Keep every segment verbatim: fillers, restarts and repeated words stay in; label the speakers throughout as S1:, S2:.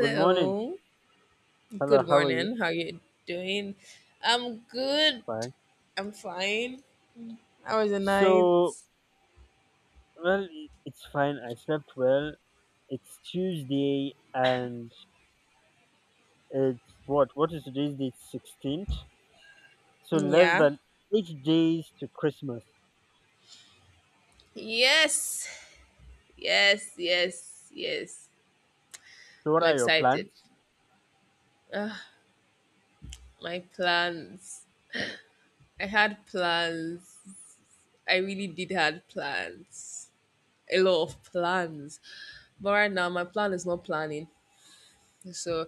S1: Good morning. Hello,
S2: Good
S1: how are you?
S2: morning. How you doing? I'm good.
S1: Fine.
S2: I'm fine. How was the night?
S1: So, well, i- it's fine. I slept well. It's Tuesday and it's what? What is today's date? sixteenth? So, less
S2: Yeah.
S1: than eight days to Christmas.
S2: Yes. Yes. Yes. Yes.
S1: So, what
S2: I'm
S1: are your plans?
S2: excited. Ugh, my plans. I had plans. I really did had plans. A lot of plans. But right now my plan is not planning. So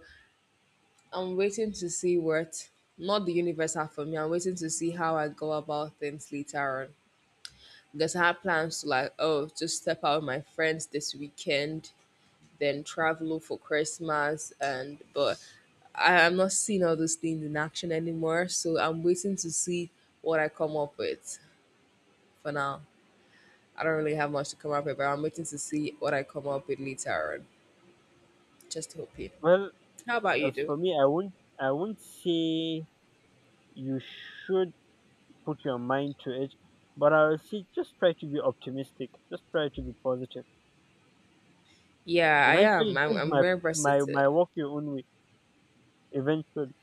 S2: I'm waiting to see what not the universe have for me. I'm waiting to see how I go about things later on. Because I had plans to like, oh, just step out with my friends this weekend, then travel for Christmas, and but I am not seeing all those things in action anymore. So I'm waiting to see what I come up with. For now, I don't really have much to come up with, but I'm waiting to see what I come up with later on. Just hoping.
S1: Well,
S2: How about you,
S1: as
S2: do?
S1: for me, I won't, I won't say you should put your mind to it, but I will say just try to be optimistic. Just try to be positive.
S2: Yeah, I am.
S1: Eventually,
S2: I'm,
S1: things
S2: I'm
S1: might,
S2: very
S1: my, my
S2: versatile.
S1: work your own way. Eventually.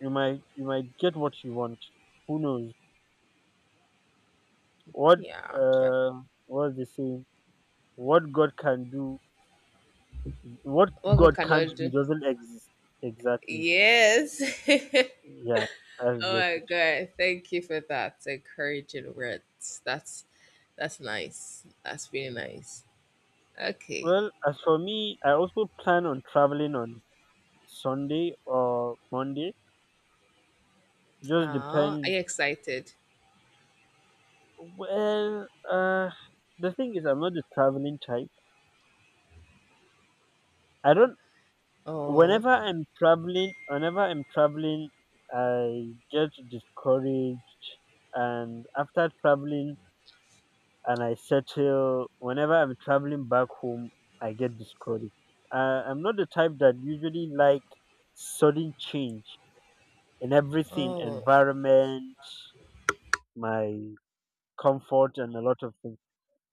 S1: you might you might get what you want. Who knows what?
S2: Yeah, sure.
S1: uh what's the saying? What God can do, what
S2: What good
S1: God
S2: can I
S1: can't do
S2: do?
S1: doesn't exist. Exactly.
S2: Yes.
S1: Yeah, that's
S2: Oh
S1: just
S2: my
S1: it.
S2: god, thank you for that encouraging words. That's that's nice. That's really nice. Okay.
S1: Well, as for me, I also plan on traveling on Sunday or Monday.
S2: Oh,
S1: Just
S2: are
S1: depends.
S2: you excited?
S1: Well, uh the thing is, I'm not the traveling type. I don't.
S2: Oh,
S1: Whenever i'm traveling whenever i'm traveling I get discouraged, and after traveling and I settle, whenever I'm traveling back home, I get discouraged. uh, I'm not the type that usually like sudden change in everything,
S2: oh,
S1: environment, my comfort, and a lot of things.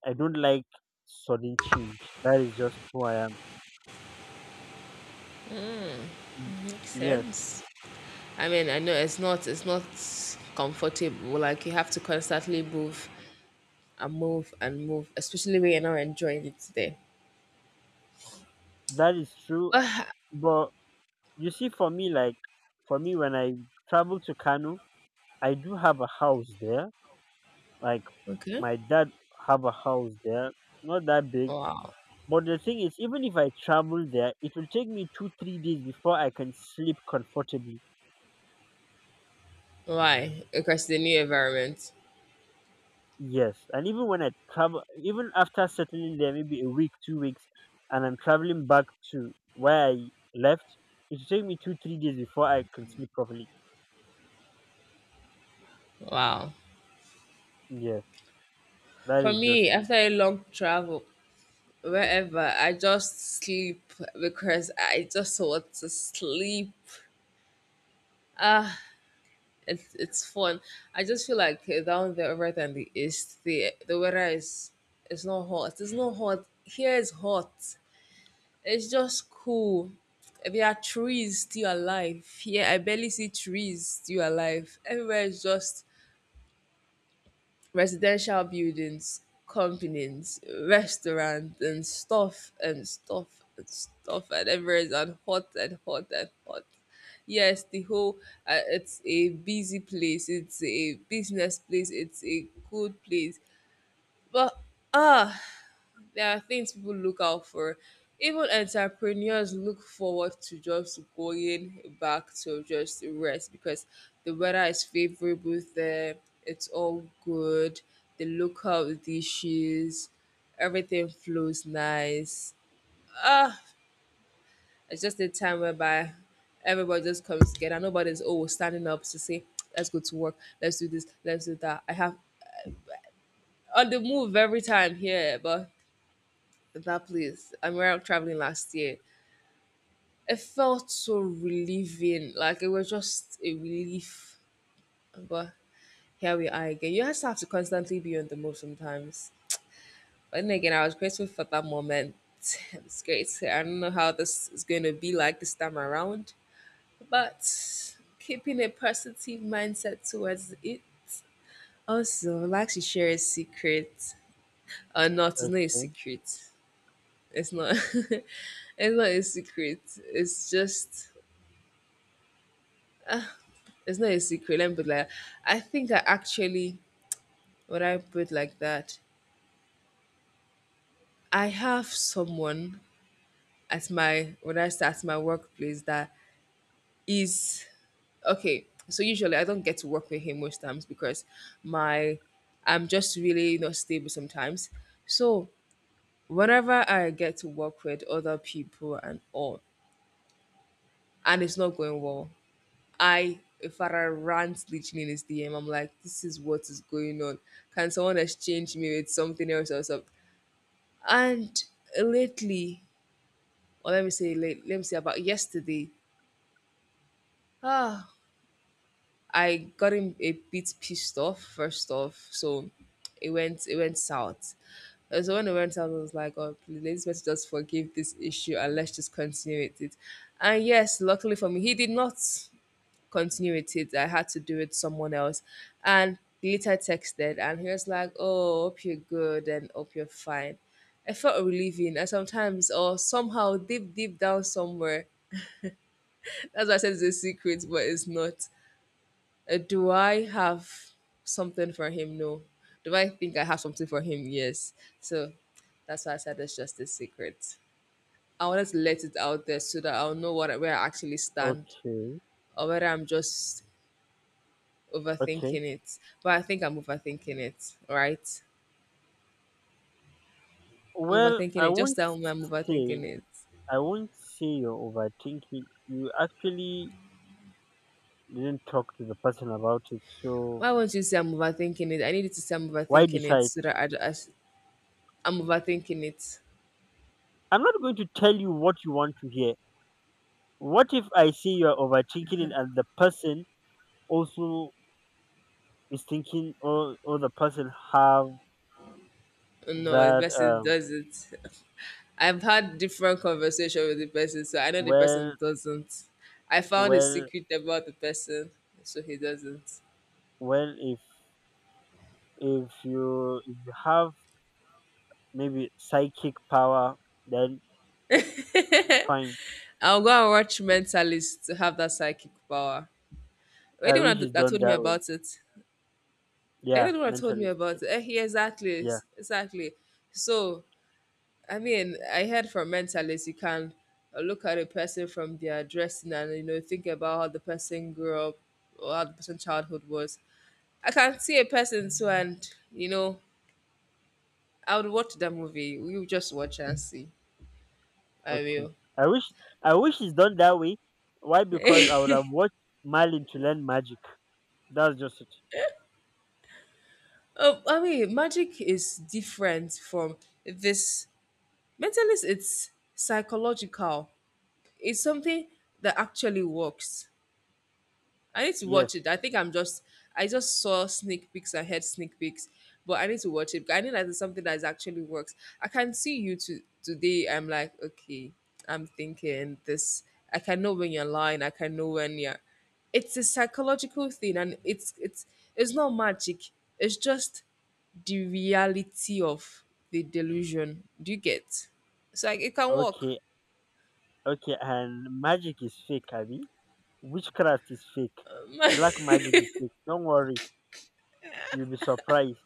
S1: I don't like sudden change. That is just who I am. Mm,
S2: makes
S1: yes,
S2: sense. I mean, I know it's not it's not comfortable. Like you have to constantly move and move and move, especially when you're not enjoying it today.
S1: that is true.
S2: Ah,
S1: But you see, for me, like for me, when I travel to Kano, I do have a house there. Like
S2: okay.
S1: my dad have a house there, not that big.
S2: Wow.
S1: But the thing is, even if I travel there, it will take me two, three days before I can sleep comfortably.
S2: Why? Because the new environment.
S1: Yes, and even when I travel, even after settling there, maybe a week, two weeks, and I'm traveling back to where I left, it will take me two, three days before I can sleep properly.
S2: Wow.
S1: Yes, that
S2: For
S1: is just
S2: me,
S1: me.
S2: after a long travel, wherever, I just sleep because I just want to sleep. Ah, it's it's fun. I just feel like down there rather than the east, the the weather is it's not hot. It's not hot. Here is hot. It's just cool. There are trees still alive. Here I barely see trees still alive. Everywhere is just residential buildings, companies, restaurants, and stuff and stuff and stuff and everything and hot and hot and hot. Yes, the whole uh, it's a busy place. It's a business place. It's a good place. But ah, there are things people look out for. Even entrepreneurs look forward to just going back to just rest because the weather is favorable there. It's all good. The local dishes, everything flows nice. Ah, it's just a time whereby everybody just comes together. Nobody's always standing up to say, let's go to work, let's do this, let's do that. I have on the move every time here, but that place, I am around traveling last year. It felt so relieving. Like it was just a relief. But here we are again. You just have to constantly be on the move sometimes. But then again, I was grateful for that moment. It's great. I don't know how this is going to be like this time around, but keeping a positive mindset towards it. Also, like to share a secret or not? It's not a
S1: Okay.
S2: secret. It's not. It's not a secret. It's just it's not a secret. Let me put it like that. I think I actually, when I put it like that, I have someone at my when I start at my workplace that is okay. So usually I don't get to work with him most times because my I'm just really not stable sometimes. So whenever I get to work with other people and all, and it's not going well, I if I rant literally in his D M, I'm like, this is what is going on. Can someone exchange me with something else or something? And lately, or let me say, late, let me say about yesterday, ah, I got him a bit pissed off. First off, so it went it went south. Uh, So when it went south, I was like, oh, please, let's let's just forgive this issue and let's just continue with it. And yes, luckily for me, he did not continue with it. I had to do it someone else. And he later texted and he was like, oh, hope you're good and hope you're fine. I felt relieving and sometimes or somehow deep deep down somewhere. That's why I said it's a secret, but it's not. Uh, do I have something for him? No. Do I think I have something for him? Yes. So that's why I said it's just a secret. I wanted to let it out there so that I'll know what where I actually stand
S1: Okay.
S2: or whether I'm just
S1: Okay.
S2: overthinking it. But I think I'm overthinking it, right? I'm
S1: Well,
S2: overthinking
S1: I
S2: it. Just
S1: won't
S2: tell me I'm
S1: say
S2: overthinking it.
S1: I won't say you're overthinking. You actually didn't talk to the person about it, so
S2: Why won't you say I'm overthinking it? I need you to say I'm
S1: why
S2: overthinking it
S1: decide?
S2: so that I, I, I'm overthinking it.
S1: I'm not going to tell you what you want to hear. What if I say you're overthinking it and the person also is thinking, or or the person have
S2: No, the
S1: that,
S2: person
S1: um
S2: does it. I've had different conversation with the person, so I know the
S1: well
S2: person doesn't. I found a
S1: well
S2: secret about the person, so he doesn't.
S1: well if if you if you have maybe psychic power, then fine.
S2: I'll go and watch Mentalist to have that psychic power. Were
S1: I
S2: one
S1: wish
S2: that
S1: it's
S2: that
S1: done
S2: told me
S1: that way.
S2: about it?
S1: Yeah,
S2: Anyone told me
S1: mentally
S2: about
S1: stable.
S2: eh, yeah, exactly,
S1: Yeah,
S2: s- exactly. So I mean, I heard from mentalists you can uh, look at a person from their dressing and you know think about how the person grew up or how the person's childhood was. I can see a person so and you know I would watch that movie. You just watch and see. I
S1: okay.
S2: will.
S1: I wish I wish it's done that way. Why? Because I would have watched Marlin to learn magic. That's just it.
S2: Oh, I mean, magic is different from this. Mentalist, it's psychological. It's something that actually works. I need to
S1: Yes.
S2: watch it. I think I'm just I just saw sneak peeks. I heard sneak peeks, but I need to watch it. I need that is something that is actually works. I can see you to, today. I'm like, okay, I'm thinking this. I can know when you're lying. I can know when you're. It's a psychological thing, and it's it's it's not magic. It's just the reality of the delusion. Do you get? So like it can work.
S1: Okay. Okay. And magic is fake, Abby. Witchcraft is fake. Black
S2: Oh
S1: magic is fake. Don't worry. You'll be surprised.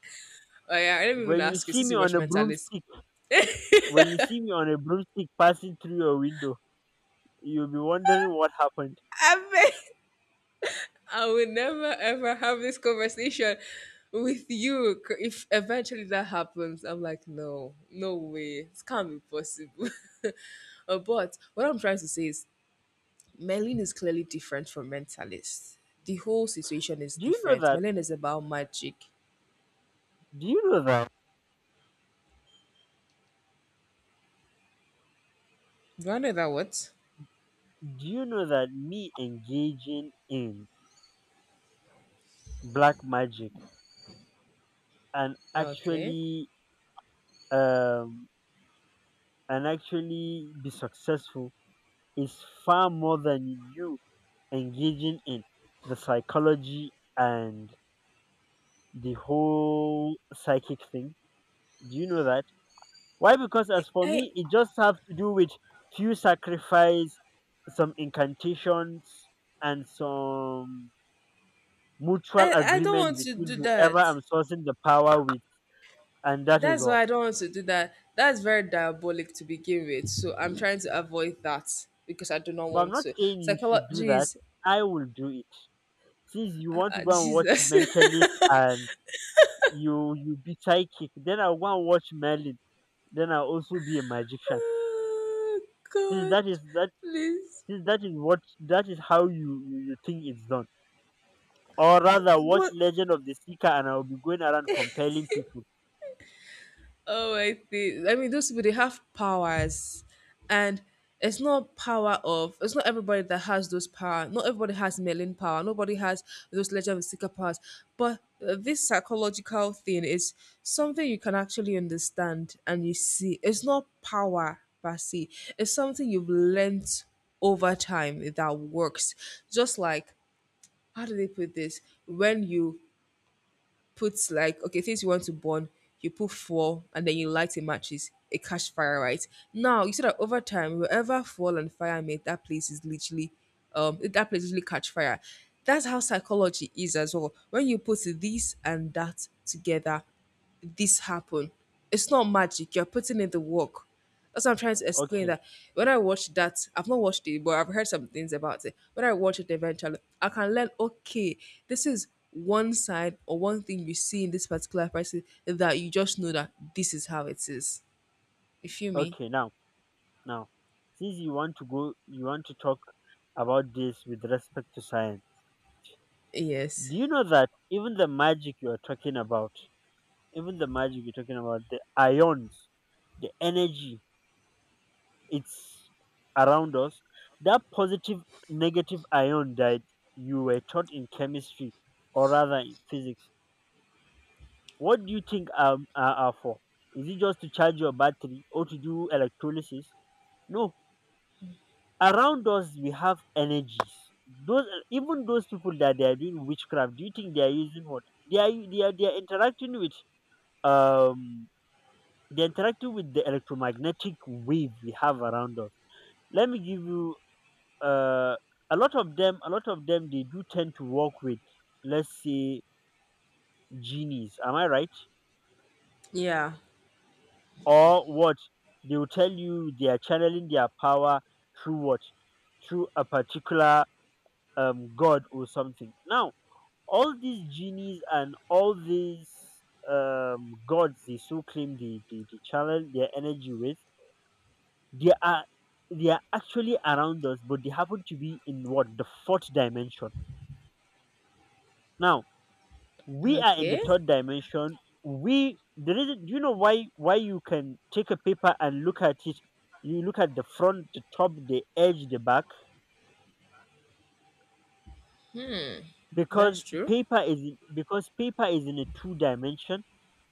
S2: yeah, I didn't even
S1: When you
S2: ask you
S1: see
S2: since
S1: me
S2: you
S1: on
S2: watch
S1: a
S2: Mentalist.
S1: broomstick, when you see me on a broomstick passing through your window, you'll be wondering what happened.
S2: I've I will never ever have this conversation with you c- if eventually that happens. I'm like, no, no way. It can't be possible. Uh, but what I'm trying to say is Merlin is clearly different from mentalist. The whole situation is
S1: Do you know
S2: different.
S1: that?
S2: Merlin is about magic.
S1: Do you know that?
S2: Do I know that what?
S1: Do you know that me engaging in black magic and
S2: Okay.
S1: actually um and actually be successful is far more than you engaging in the psychology and the whole psychic thing? Do you know that? Why? Because as for
S2: I
S1: me, it just have to do with few sacrifice, some incantations, and some mutual
S2: I, I don't
S1: agreement
S2: want to
S1: between
S2: do
S1: whoever
S2: that.
S1: I'm sourcing the power with. And that is
S2: That's why
S1: all.
S2: I don't want to do that. That's very diabolic to begin with. So I'm trying to avoid that because I do not
S1: But I'm
S2: want
S1: not
S2: to.
S1: saying you should
S2: Psychology,
S1: do that.
S2: jeez,
S1: I will do it. Since you
S2: uh,
S1: want to
S2: uh,
S1: go and watch
S2: Jesus.
S1: Mentalist and you you be psychic, then I'll go and watch Merlin. Then I'll also be a magician.
S2: Oh,
S1: Since
S2: God,
S1: that is that
S2: please.
S1: since that is what that is how you, you, you think it's done. Or rather watch
S2: What
S1: Legend of the Seeker and I'll be going around compelling people.
S2: oh, I see. I mean, those people they have powers, and it's not power of. It's not everybody that has those power. Not everybody has Merlin power. Nobody has those Legend of Seeker powers. But uh, this psychological thing is something you can actually understand and you see. It's not power per se. It's something you've learnt over time that works. Just like how do they put this? When you put like okay things you want to burn you put fuel and then you light a matches a cash fire right now you see that over time wherever fuel and fire meet that place is literally um that place literally catch fire. That's how psychology is as well. When you put this and that together this happen. It's not magic. You're putting in the work. That's what I'm trying to explain.
S1: Okay,
S2: That when I watch that, I've not watched it, but I've heard some things about it. When I watch it eventually, I can learn. Okay, this is one side or one thing you see in this particular person that you just know that this is how it is. You feel me?
S1: okay. Now now. Since you want to go you want to talk about this with respect to science. Do
S2: Yes.
S1: you know that even the magic you are talking about Even the magic you're talking about, the ions, the energy, it's around us. That positive, negative ion that you were taught in chemistry or rather in physics, what do you think are, are, are for? Is it just to charge your battery or to do electrolysis? No. Around us, we have energies. Those even those people that they are doing witchcraft, do you think they are using what? They are they are they are interacting with um They're interacting with the electromagnetic wave we have around us. Let me give you uh, a lot of them. A lot of them they do tend to work with, let's say, genies. Am I right?
S2: Yeah.
S1: Or what? They will tell you they are channeling their power through what? Through a particular um, god or something. Now, all these genies and all these um, gods they so claim they, they, they channel their energy with. They are they are actually around us, but they happen to be in what? The fourth dimension. Now we are in the
S2: Okay,
S1: third dimension. We the reason you know why why you can take a paper and look at it. You look at the front, the top, the edge, the back, because
S2: that's true.
S1: paper is because paper is in a two dimension,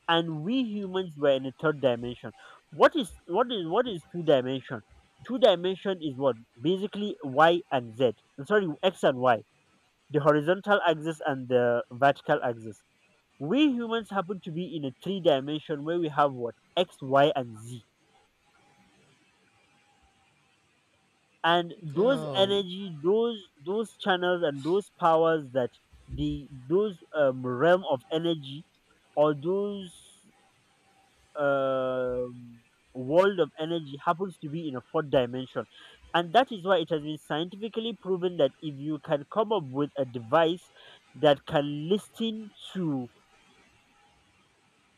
S1: and we humans were in a third dimension. What is what is what is two dimension? Two dimension is what, basically y and z. Sorry, x and y, the horizontal axis and the vertical axis. We humans happen to be in a three dimension where we have what? X, y, and z. And those
S2: Oh.
S1: energy, those those channels, and those powers that the those um, realm of energy or those um, world of energy happens to be in a fourth dimension, and that is why it has been scientifically proven that if you can come up with a device that can listen to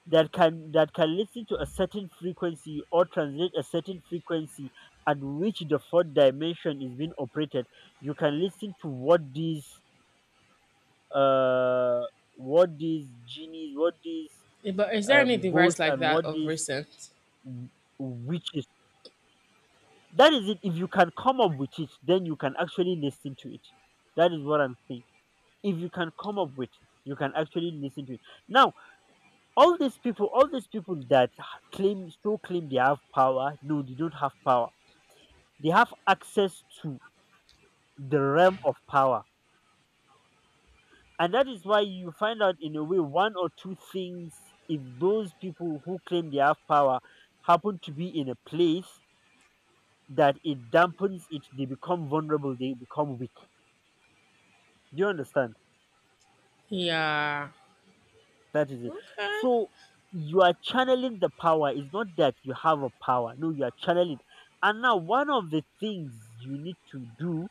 S1: that can that can listen to a certain frequency or translate a certain frequency at which the fourth dimension is being operated, you can listen to what these, uh what these genies, what these
S2: But is there any
S1: um
S2: device
S1: ghosts,
S2: like
S1: and
S2: that
S1: what
S2: of
S1: these
S2: recent?
S1: w- witches. That is it. If you can come up with it, then you can actually listen to it. That is what I'm saying. If you can come up with, you can actually listen to it. Now, all these people all these people that claim, so claim they have power. No, they don't have power. They have access to the realm of power. And that is why you find out, in a way, one or two things. If those people who claim they have power happen to be in a place that it dampens it, they become vulnerable, they become weak. Do you understand?
S2: Yeah.
S1: That is it.
S2: Okay.
S1: So, you are channeling the power. It's not that you have a power. No, you are channeling. And now, one of the things you need to do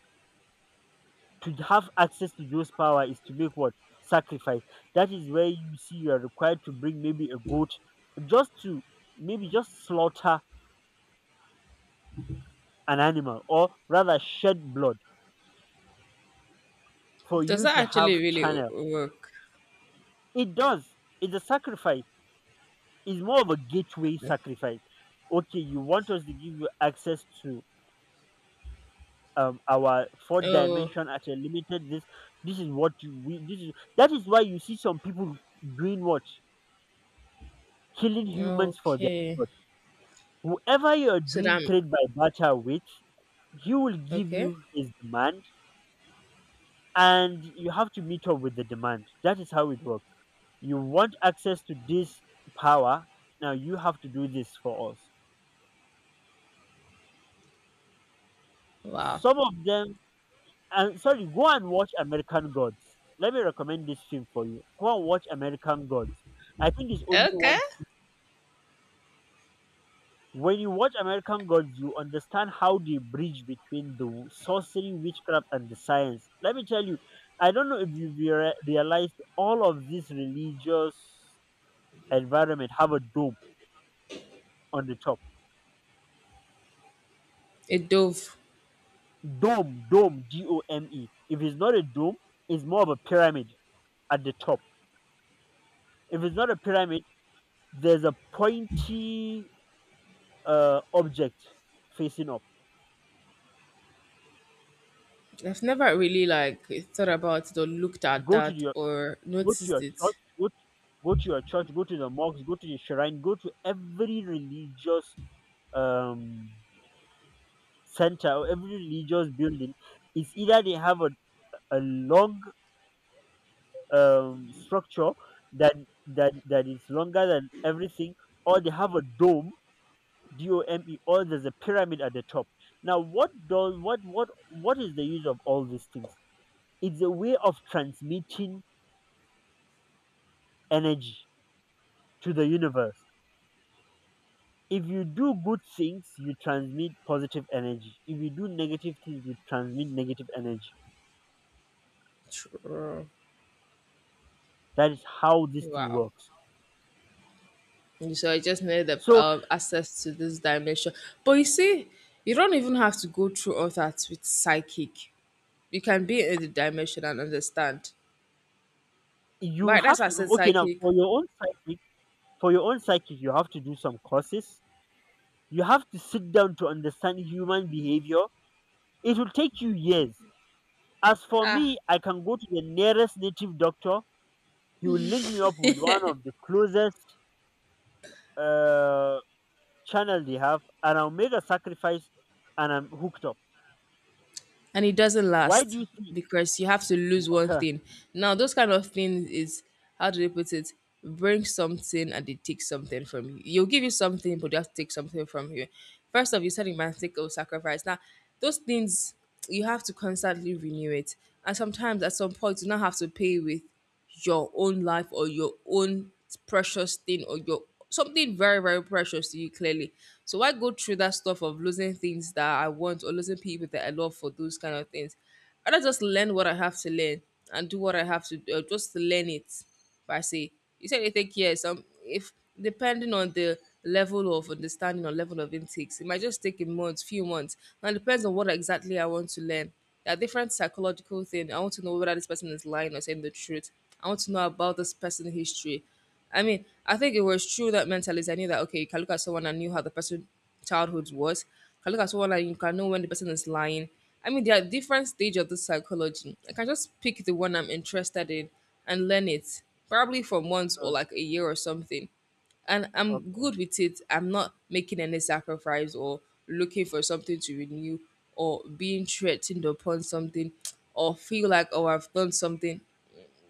S1: to have access to those power is to make what? Sacrifice. That is where you see you are required to bring maybe a goat, just to maybe just slaughter an animal or rather shed blood for
S2: Does
S1: you
S2: that
S1: to
S2: actually
S1: have
S2: really
S1: channel.
S2: w- work?
S1: It does. It's a sacrifice. It's more of a gateway sacrifice. Okay, you want us to give you access to um our fourth
S2: Oh,
S1: dimension at a limited. this this is what you, we this is that is why you see some people doing what? Killing humans for their
S2: okay.
S1: blood. Whoever you are
S2: So
S1: doing
S2: that
S1: trade by barter with, he will give
S2: okay.
S1: you his demand, and you have to meet up with the demand. That is how it works. You want access to this power, now you have to do this for us.
S2: Wow.
S1: Some of them. And sorry, go and watch American Gods. Let me recommend this film for you. Go and watch American Gods. I think it's only
S2: Okay.
S1: one. se- When you watch American Gods, you understand how they bridge between the w- sorcery, witchcraft, and the science. Let me tell you, I don't know if you've rea- realized all of these religious environment have a dome on the top.
S2: A dove.
S1: Dome, dome, D O M E. If it's not a dome, it's more of a pyramid at the top. If it's not a pyramid, there's a pointy uh, object facing up.
S2: I've never really like thought about it or looked at
S1: Go to
S2: that
S1: your
S2: or
S1: go to
S2: noticed
S1: your
S2: it.
S1: church. Go to, go to your church. Go to the mosque. Go to the shrine. Go to every religious um center or every religious building. It's either they have a, a long um structure that that that is longer than everything, or they have a dome. D O M E, or there's a pyramid at the top. Now, what does what what what is the use of all these things? It's a way of transmitting energy to the universe. If you do good things, you transmit positive energy. If you do negative things, you transmit negative energy.
S2: True.
S1: That is how this thing
S2: Wow.
S1: works.
S2: So I just need the
S1: So,
S2: um, access to this dimension. But you see, you don't even have to go through all that with psychic. You can be in the dimension and understand.
S1: you
S2: Right?
S1: have
S2: That's why I
S1: to
S2: said
S1: okay now
S2: psychic.
S1: for your own psychic, for your own psychic, you have to do some courses. You have to sit down to understand human behavior. It will take you years. As for me,
S2: Ah,
S1: I can go to the nearest native doctor. He will link me up with one of the closest uh, channel they have, and I'll make a sacrifice, and I'm hooked up.
S2: and it doesn't
S1: Why do
S2: last
S1: you see?
S2: because you have to lose one thing. Now, those kind of things is how do they put it? Bring something and they take something from you. You'll give you something, but they have to take something from you. First of you said romantic or sacrifice. Now, those things you have to constantly renew it, and sometimes at some point you now have to pay with your own life or your own precious thing or your something very very precious to you clearly so why go through that stuff of losing things that I want or losing people that I love for those kind of things I just learn what I have to learn and do what I have to do uh, just learn it per say. You said you think, yes, um if depending on the level of understanding or level of intakes, it might just take a month few months. And it depends on what exactly I want to learn. There are different psychological things. I want to know whether this person is lying or saying the truth. I want to know about this person's history. I mean, I think it was true that mentally I knew that, okay, you can look at someone and knew how the person childhood was. You can look at someone and you can know when the person is lying. I mean, there are different stages of the psychology. I can just pick the one I'm interested in and learn it, probably from once or like a year or something, and
S1: Uh,
S2: I'm
S1: okay,
S2: good with it. I'm not making any sacrifice or looking for something to renew or being threatened upon something or feel like, oh, I've done something.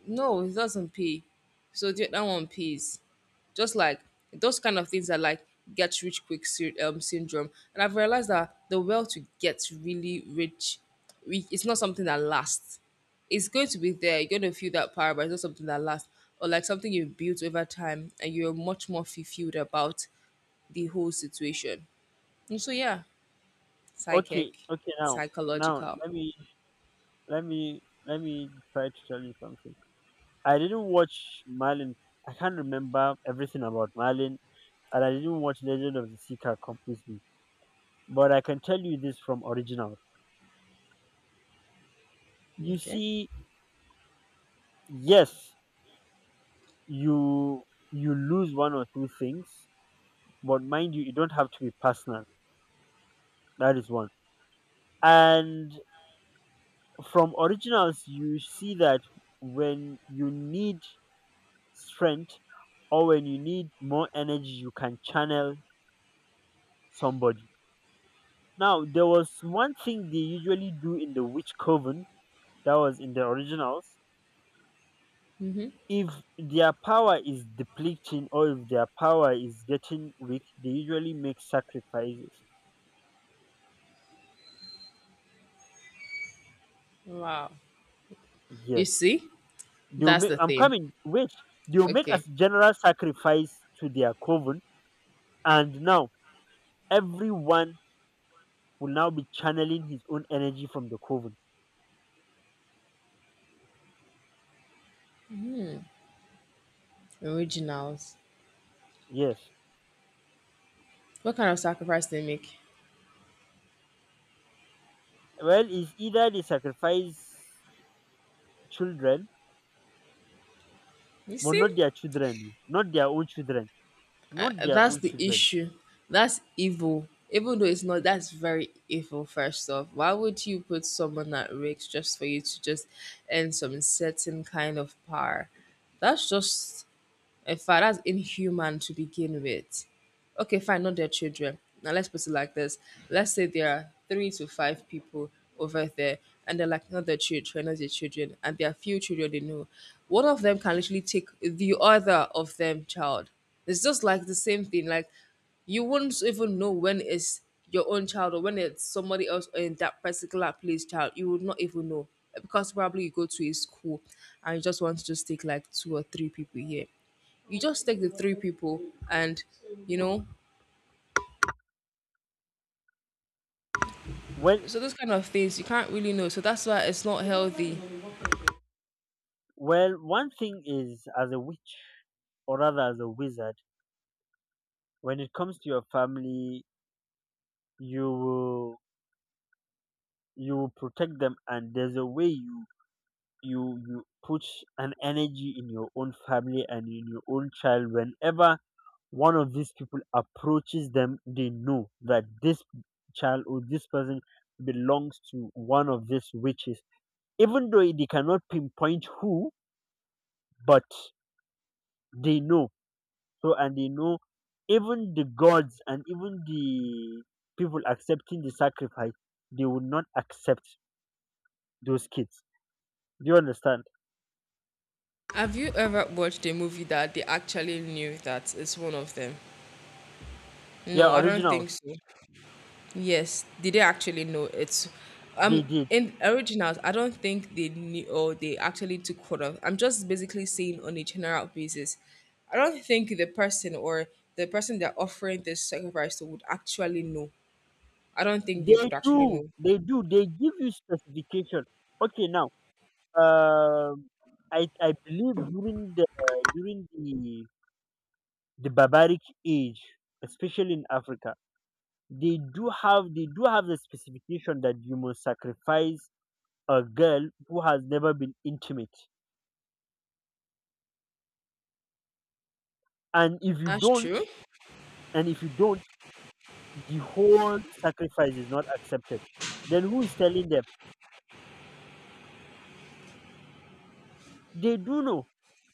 S2: No, it doesn't pay. So the that one pays. Just like those kind of things are like get rich quick sy- um, syndrome. And I've realized that the will to get really rich, we- it's not something that lasts. It's going to be there. You're going to feel that power, but it's not something that lasts. Or like something you've built over time and you're much more fulfilled about the whole situation. And so, yeah,
S1: okay,
S2: psychic,
S1: okay. Now, now
S2: psychological.
S1: let me let me let me try to tell you something. I didn't watch Marlin. I can't remember everything about Marlin, and I didn't watch Legend of the Seeker completely. But I can tell you this from original. You
S2: Okay.
S1: see, yes, you you lose one or two things, but mind you, you don't have to be personal. That is one. And from originals, you see that when you need strength or when you need more energy, you can channel somebody. Now, there was one thing they usually do in the witch coven, that was in the originals. If their power is depleting or if their power is getting weak, they usually make sacrifices.
S2: Wow. You
S1: Yes,
S2: see?
S1: they'll
S2: That's
S1: make
S2: the
S1: I'm
S2: thing.
S1: coming, wait. They'll make a
S2: Okay.
S1: general sacrifice to their coven, and now everyone will now be channeling his own energy from the coven.
S2: Originals.
S1: Yes.
S2: What kind of sacrifice they make?
S1: Well, it's either they sacrifice children,
S2: You
S1: but
S2: see,
S1: not their children, not their own children, not their
S2: that's
S1: own
S2: the
S1: children.
S2: issue. That's evil. Even though it's not, that's very evil. First off, why would you put someone at risk just for you to just earn some certain kind of power? That's just. In fact, that's inhuman to begin with. Okay, fine, not their children. Now let's put it like this. Let's say there are three to five people over there and they're like not their children, not their children, and there are few children they know. One of them can literally take the other of them child. It's just like the same thing. Like, you wouldn't even know when it's your own child or when it's somebody else in that particular place child. You would not even know, because probably you go to a school and you just want to just take like two or three people here, you just take the three people and you know
S1: Well,
S2: so those kind of things you can't really know, so that's why it's not healthy.
S1: well, one thing is, as a witch, or rather as a wizard, when it comes to your family, you will you will protect them, and there's a way you you you put an energy in your own family and in your own child. Whenever one of these people approaches them, they know that this child or this person belongs to one of these witches. Even though they cannot pinpoint who, but they know. So, and they know, even the gods and even the people accepting the sacrifice, they would not accept those kids. Do you understand?
S2: Have you ever watched a movie that they actually knew that it's one of them? No,
S1: Yeah,
S2: I don't
S1: originals.
S2: think so. Yes, did they actually know it's,
S1: They
S2: um,
S1: did.
S2: in originals I don't think they knew or they actually took hold of, I'm just basically saying on a general basis, I don't think the person or the person they're offering this sacrifice to would actually know. I don't think they
S1: They
S2: would actually
S1: do.
S2: know.
S1: They do. They give you specification. Okay, now Um, I I believe during the during the the barbaric age, especially in Africa, they do have they do have the specification that you must sacrifice a girl who has never been intimate, and if you
S2: That's
S1: don't,
S2: true.
S1: and if you don't, the whole sacrifice is not accepted. Then who is telling them? They do know.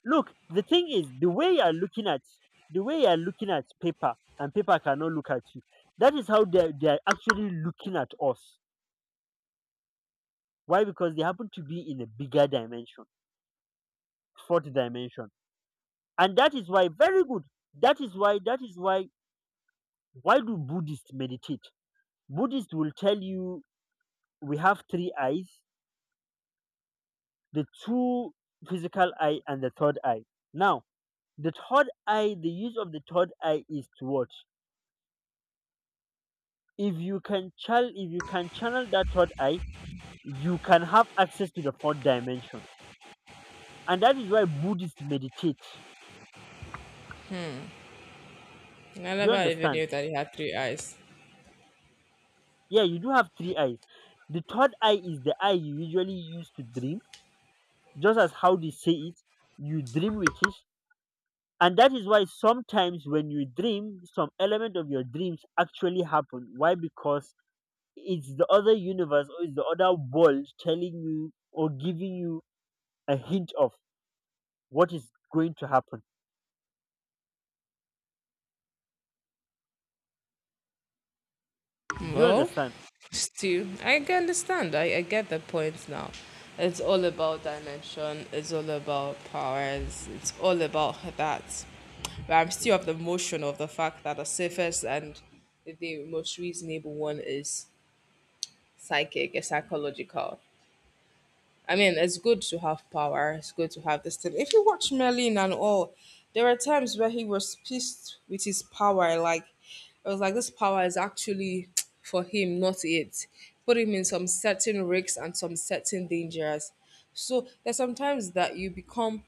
S1: Look, the thing is, the way you are looking at, the way you are looking at paper, and paper cannot look at you. That is how they they are actually looking at us. Why? Because they happen to be in a bigger dimension, fourth dimension, and that is why. Very good. That is why. That is why. Why do Buddhists meditate? Buddhists will tell you we have three eyes: the two physical eye and the third eye. Now, the third eye, the use of the third eye is to what? if you can channel if you can channel that third eye, you can have access to the fourth dimension, and that is why Buddhists meditate.
S2: I
S1: Do you
S2: never even
S1: understand?
S2: knew that he had three eyes.
S1: Yeah, you do have three eyes. The third eye is the eye you usually use to dream, just as how they say it. You dream with it, and that is why sometimes when you dream, some element of your dreams actually happen. Why? Because it's the other universe or it's the other world telling you or giving you a hint of what is going to happen. Do you
S2: Well,
S1: understand?
S2: still, I can understand. I, I get the point now. It's all about dimension, it's all about powers, it's all about that. But I'm still of the motion of the fact that the safest and the most reasonable one is psychic, is psychological. I mean, it's good to have power. It's good to have this thing. If you watch Merlin and all, there are times where he was pissed with his power. Like, it was like this power is actually for him, not it. Put him in some certain risks and some certain dangers. So there's sometimes that you become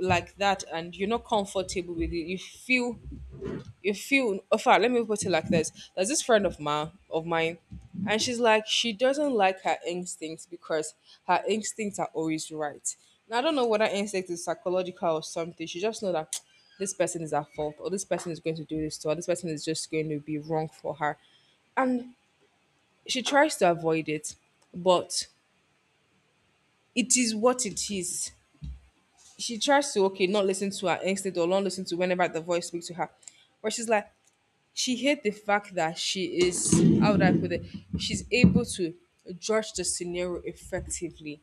S2: like that and you're not comfortable with it. You feel, you feel in fact, let me put it like this, there's this friend of mine of mine, and she's like, she doesn't like her instincts because her instincts are always right. Now I don't know whether instinct is psychological or something. She just know that this person is at fault or this person is going to do this to her, this person is just going to be wrong for her, and she tries to avoid it, but it is what it is. She tries to, okay, not listen to her instinct or not listen to whenever the voice speaks to her, but she's like, she hate the fact that she is, how would I put it, she's able to judge the scenario effectively,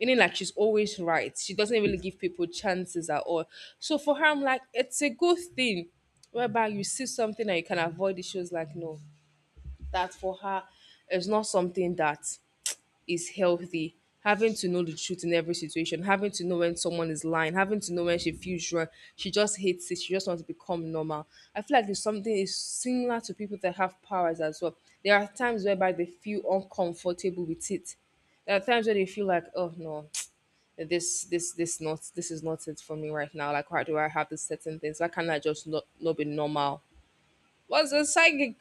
S2: meaning, like, she's always right. She doesn't really give people chances at all. So for her, I'm like, it's a good thing whereby you see something and you can avoid it. She was like, no, that for her is not something that is healthy. Having to know the truth in every situation, having to know when someone is lying, having to know when she feels wrong, she just hates it. She just wants to become normal. I feel like it's something is similar to people that have powers as well. There are times whereby they feel uncomfortable with it. There are times where they feel like, oh no, this this this not this is not it for me right now. Like why do I have this certain things? Why can't I just not not be normal? What's a psychic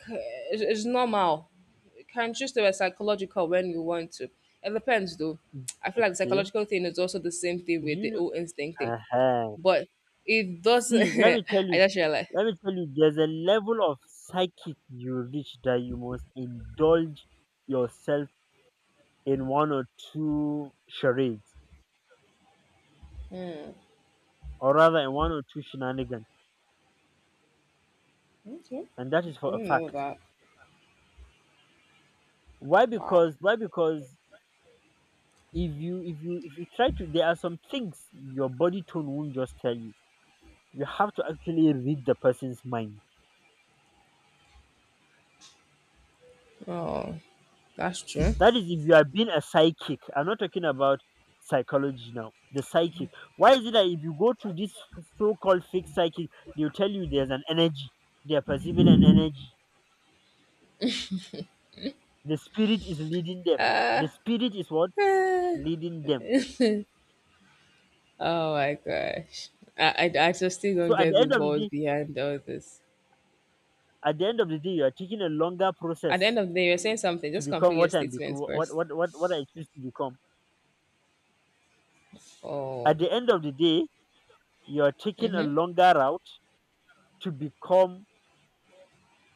S2: is is normal. You can choose to be psychological when you want to. It depends though. I feel like the
S1: Okay.
S2: psychological thing is also the same thing
S1: Do
S2: with
S1: you
S2: the
S1: know?
S2: old instinct thing.
S1: uh
S2: But it doesn't
S1: See, let me tell
S2: I
S1: you.
S2: just realized.
S1: Let me tell you. There's a level of psychic you reach that you must indulge yourself in one or two charades, or rather, in one or two shenanigans,
S2: Okay.
S1: and that
S2: I
S1: is for a
S2: didn't know
S1: fact.
S2: that.
S1: Why?
S2: Wow.
S1: Because why? Because if you if you if you try to, there are some things your body tone won't just tell you. You have to actually read the person's mind.
S2: That's true.
S1: That is if you are being a psychic. I'm not talking about psychology now. The psychic. Why is it that if you go to this so-called fake psychic, they'll tell you there's an energy. They are perceiving an energy. The spirit is leading them. The spirit is what
S2: Eh,
S1: leading them.
S2: oh my gosh. I, I, I just still
S1: So
S2: don't
S1: at
S2: get
S1: the
S2: the
S1: end of the
S2: balls
S1: day,
S2: behind all this.
S1: at the end of the day, you are taking a longer
S2: At the
S1: process
S2: end of the day, you're saying something.
S1: to
S2: Just
S1: become
S2: complete your
S1: what I'm bec-
S2: statement
S1: what
S2: first.
S1: what what what I choose to become. At
S2: Oh.
S1: the end of the day, you are taking a longer route to become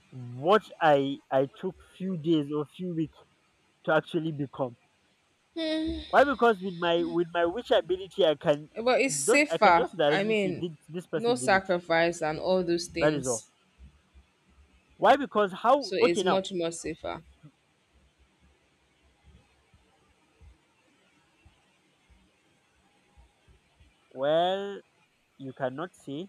S1: what I I took few days or few weeks to actually become. Why? Because with my with my witch ability, I can
S2: But it's
S1: don't I can
S2: safer.
S1: just
S2: I
S1: directly see
S2: mean,
S1: did this
S2: no
S1: person did it.
S2: sacrifice and all those
S1: That is all.
S2: things.
S1: Why? Because how?
S2: So
S1: Okay,
S2: it's
S1: now
S2: much more safer.
S1: well, you cannot say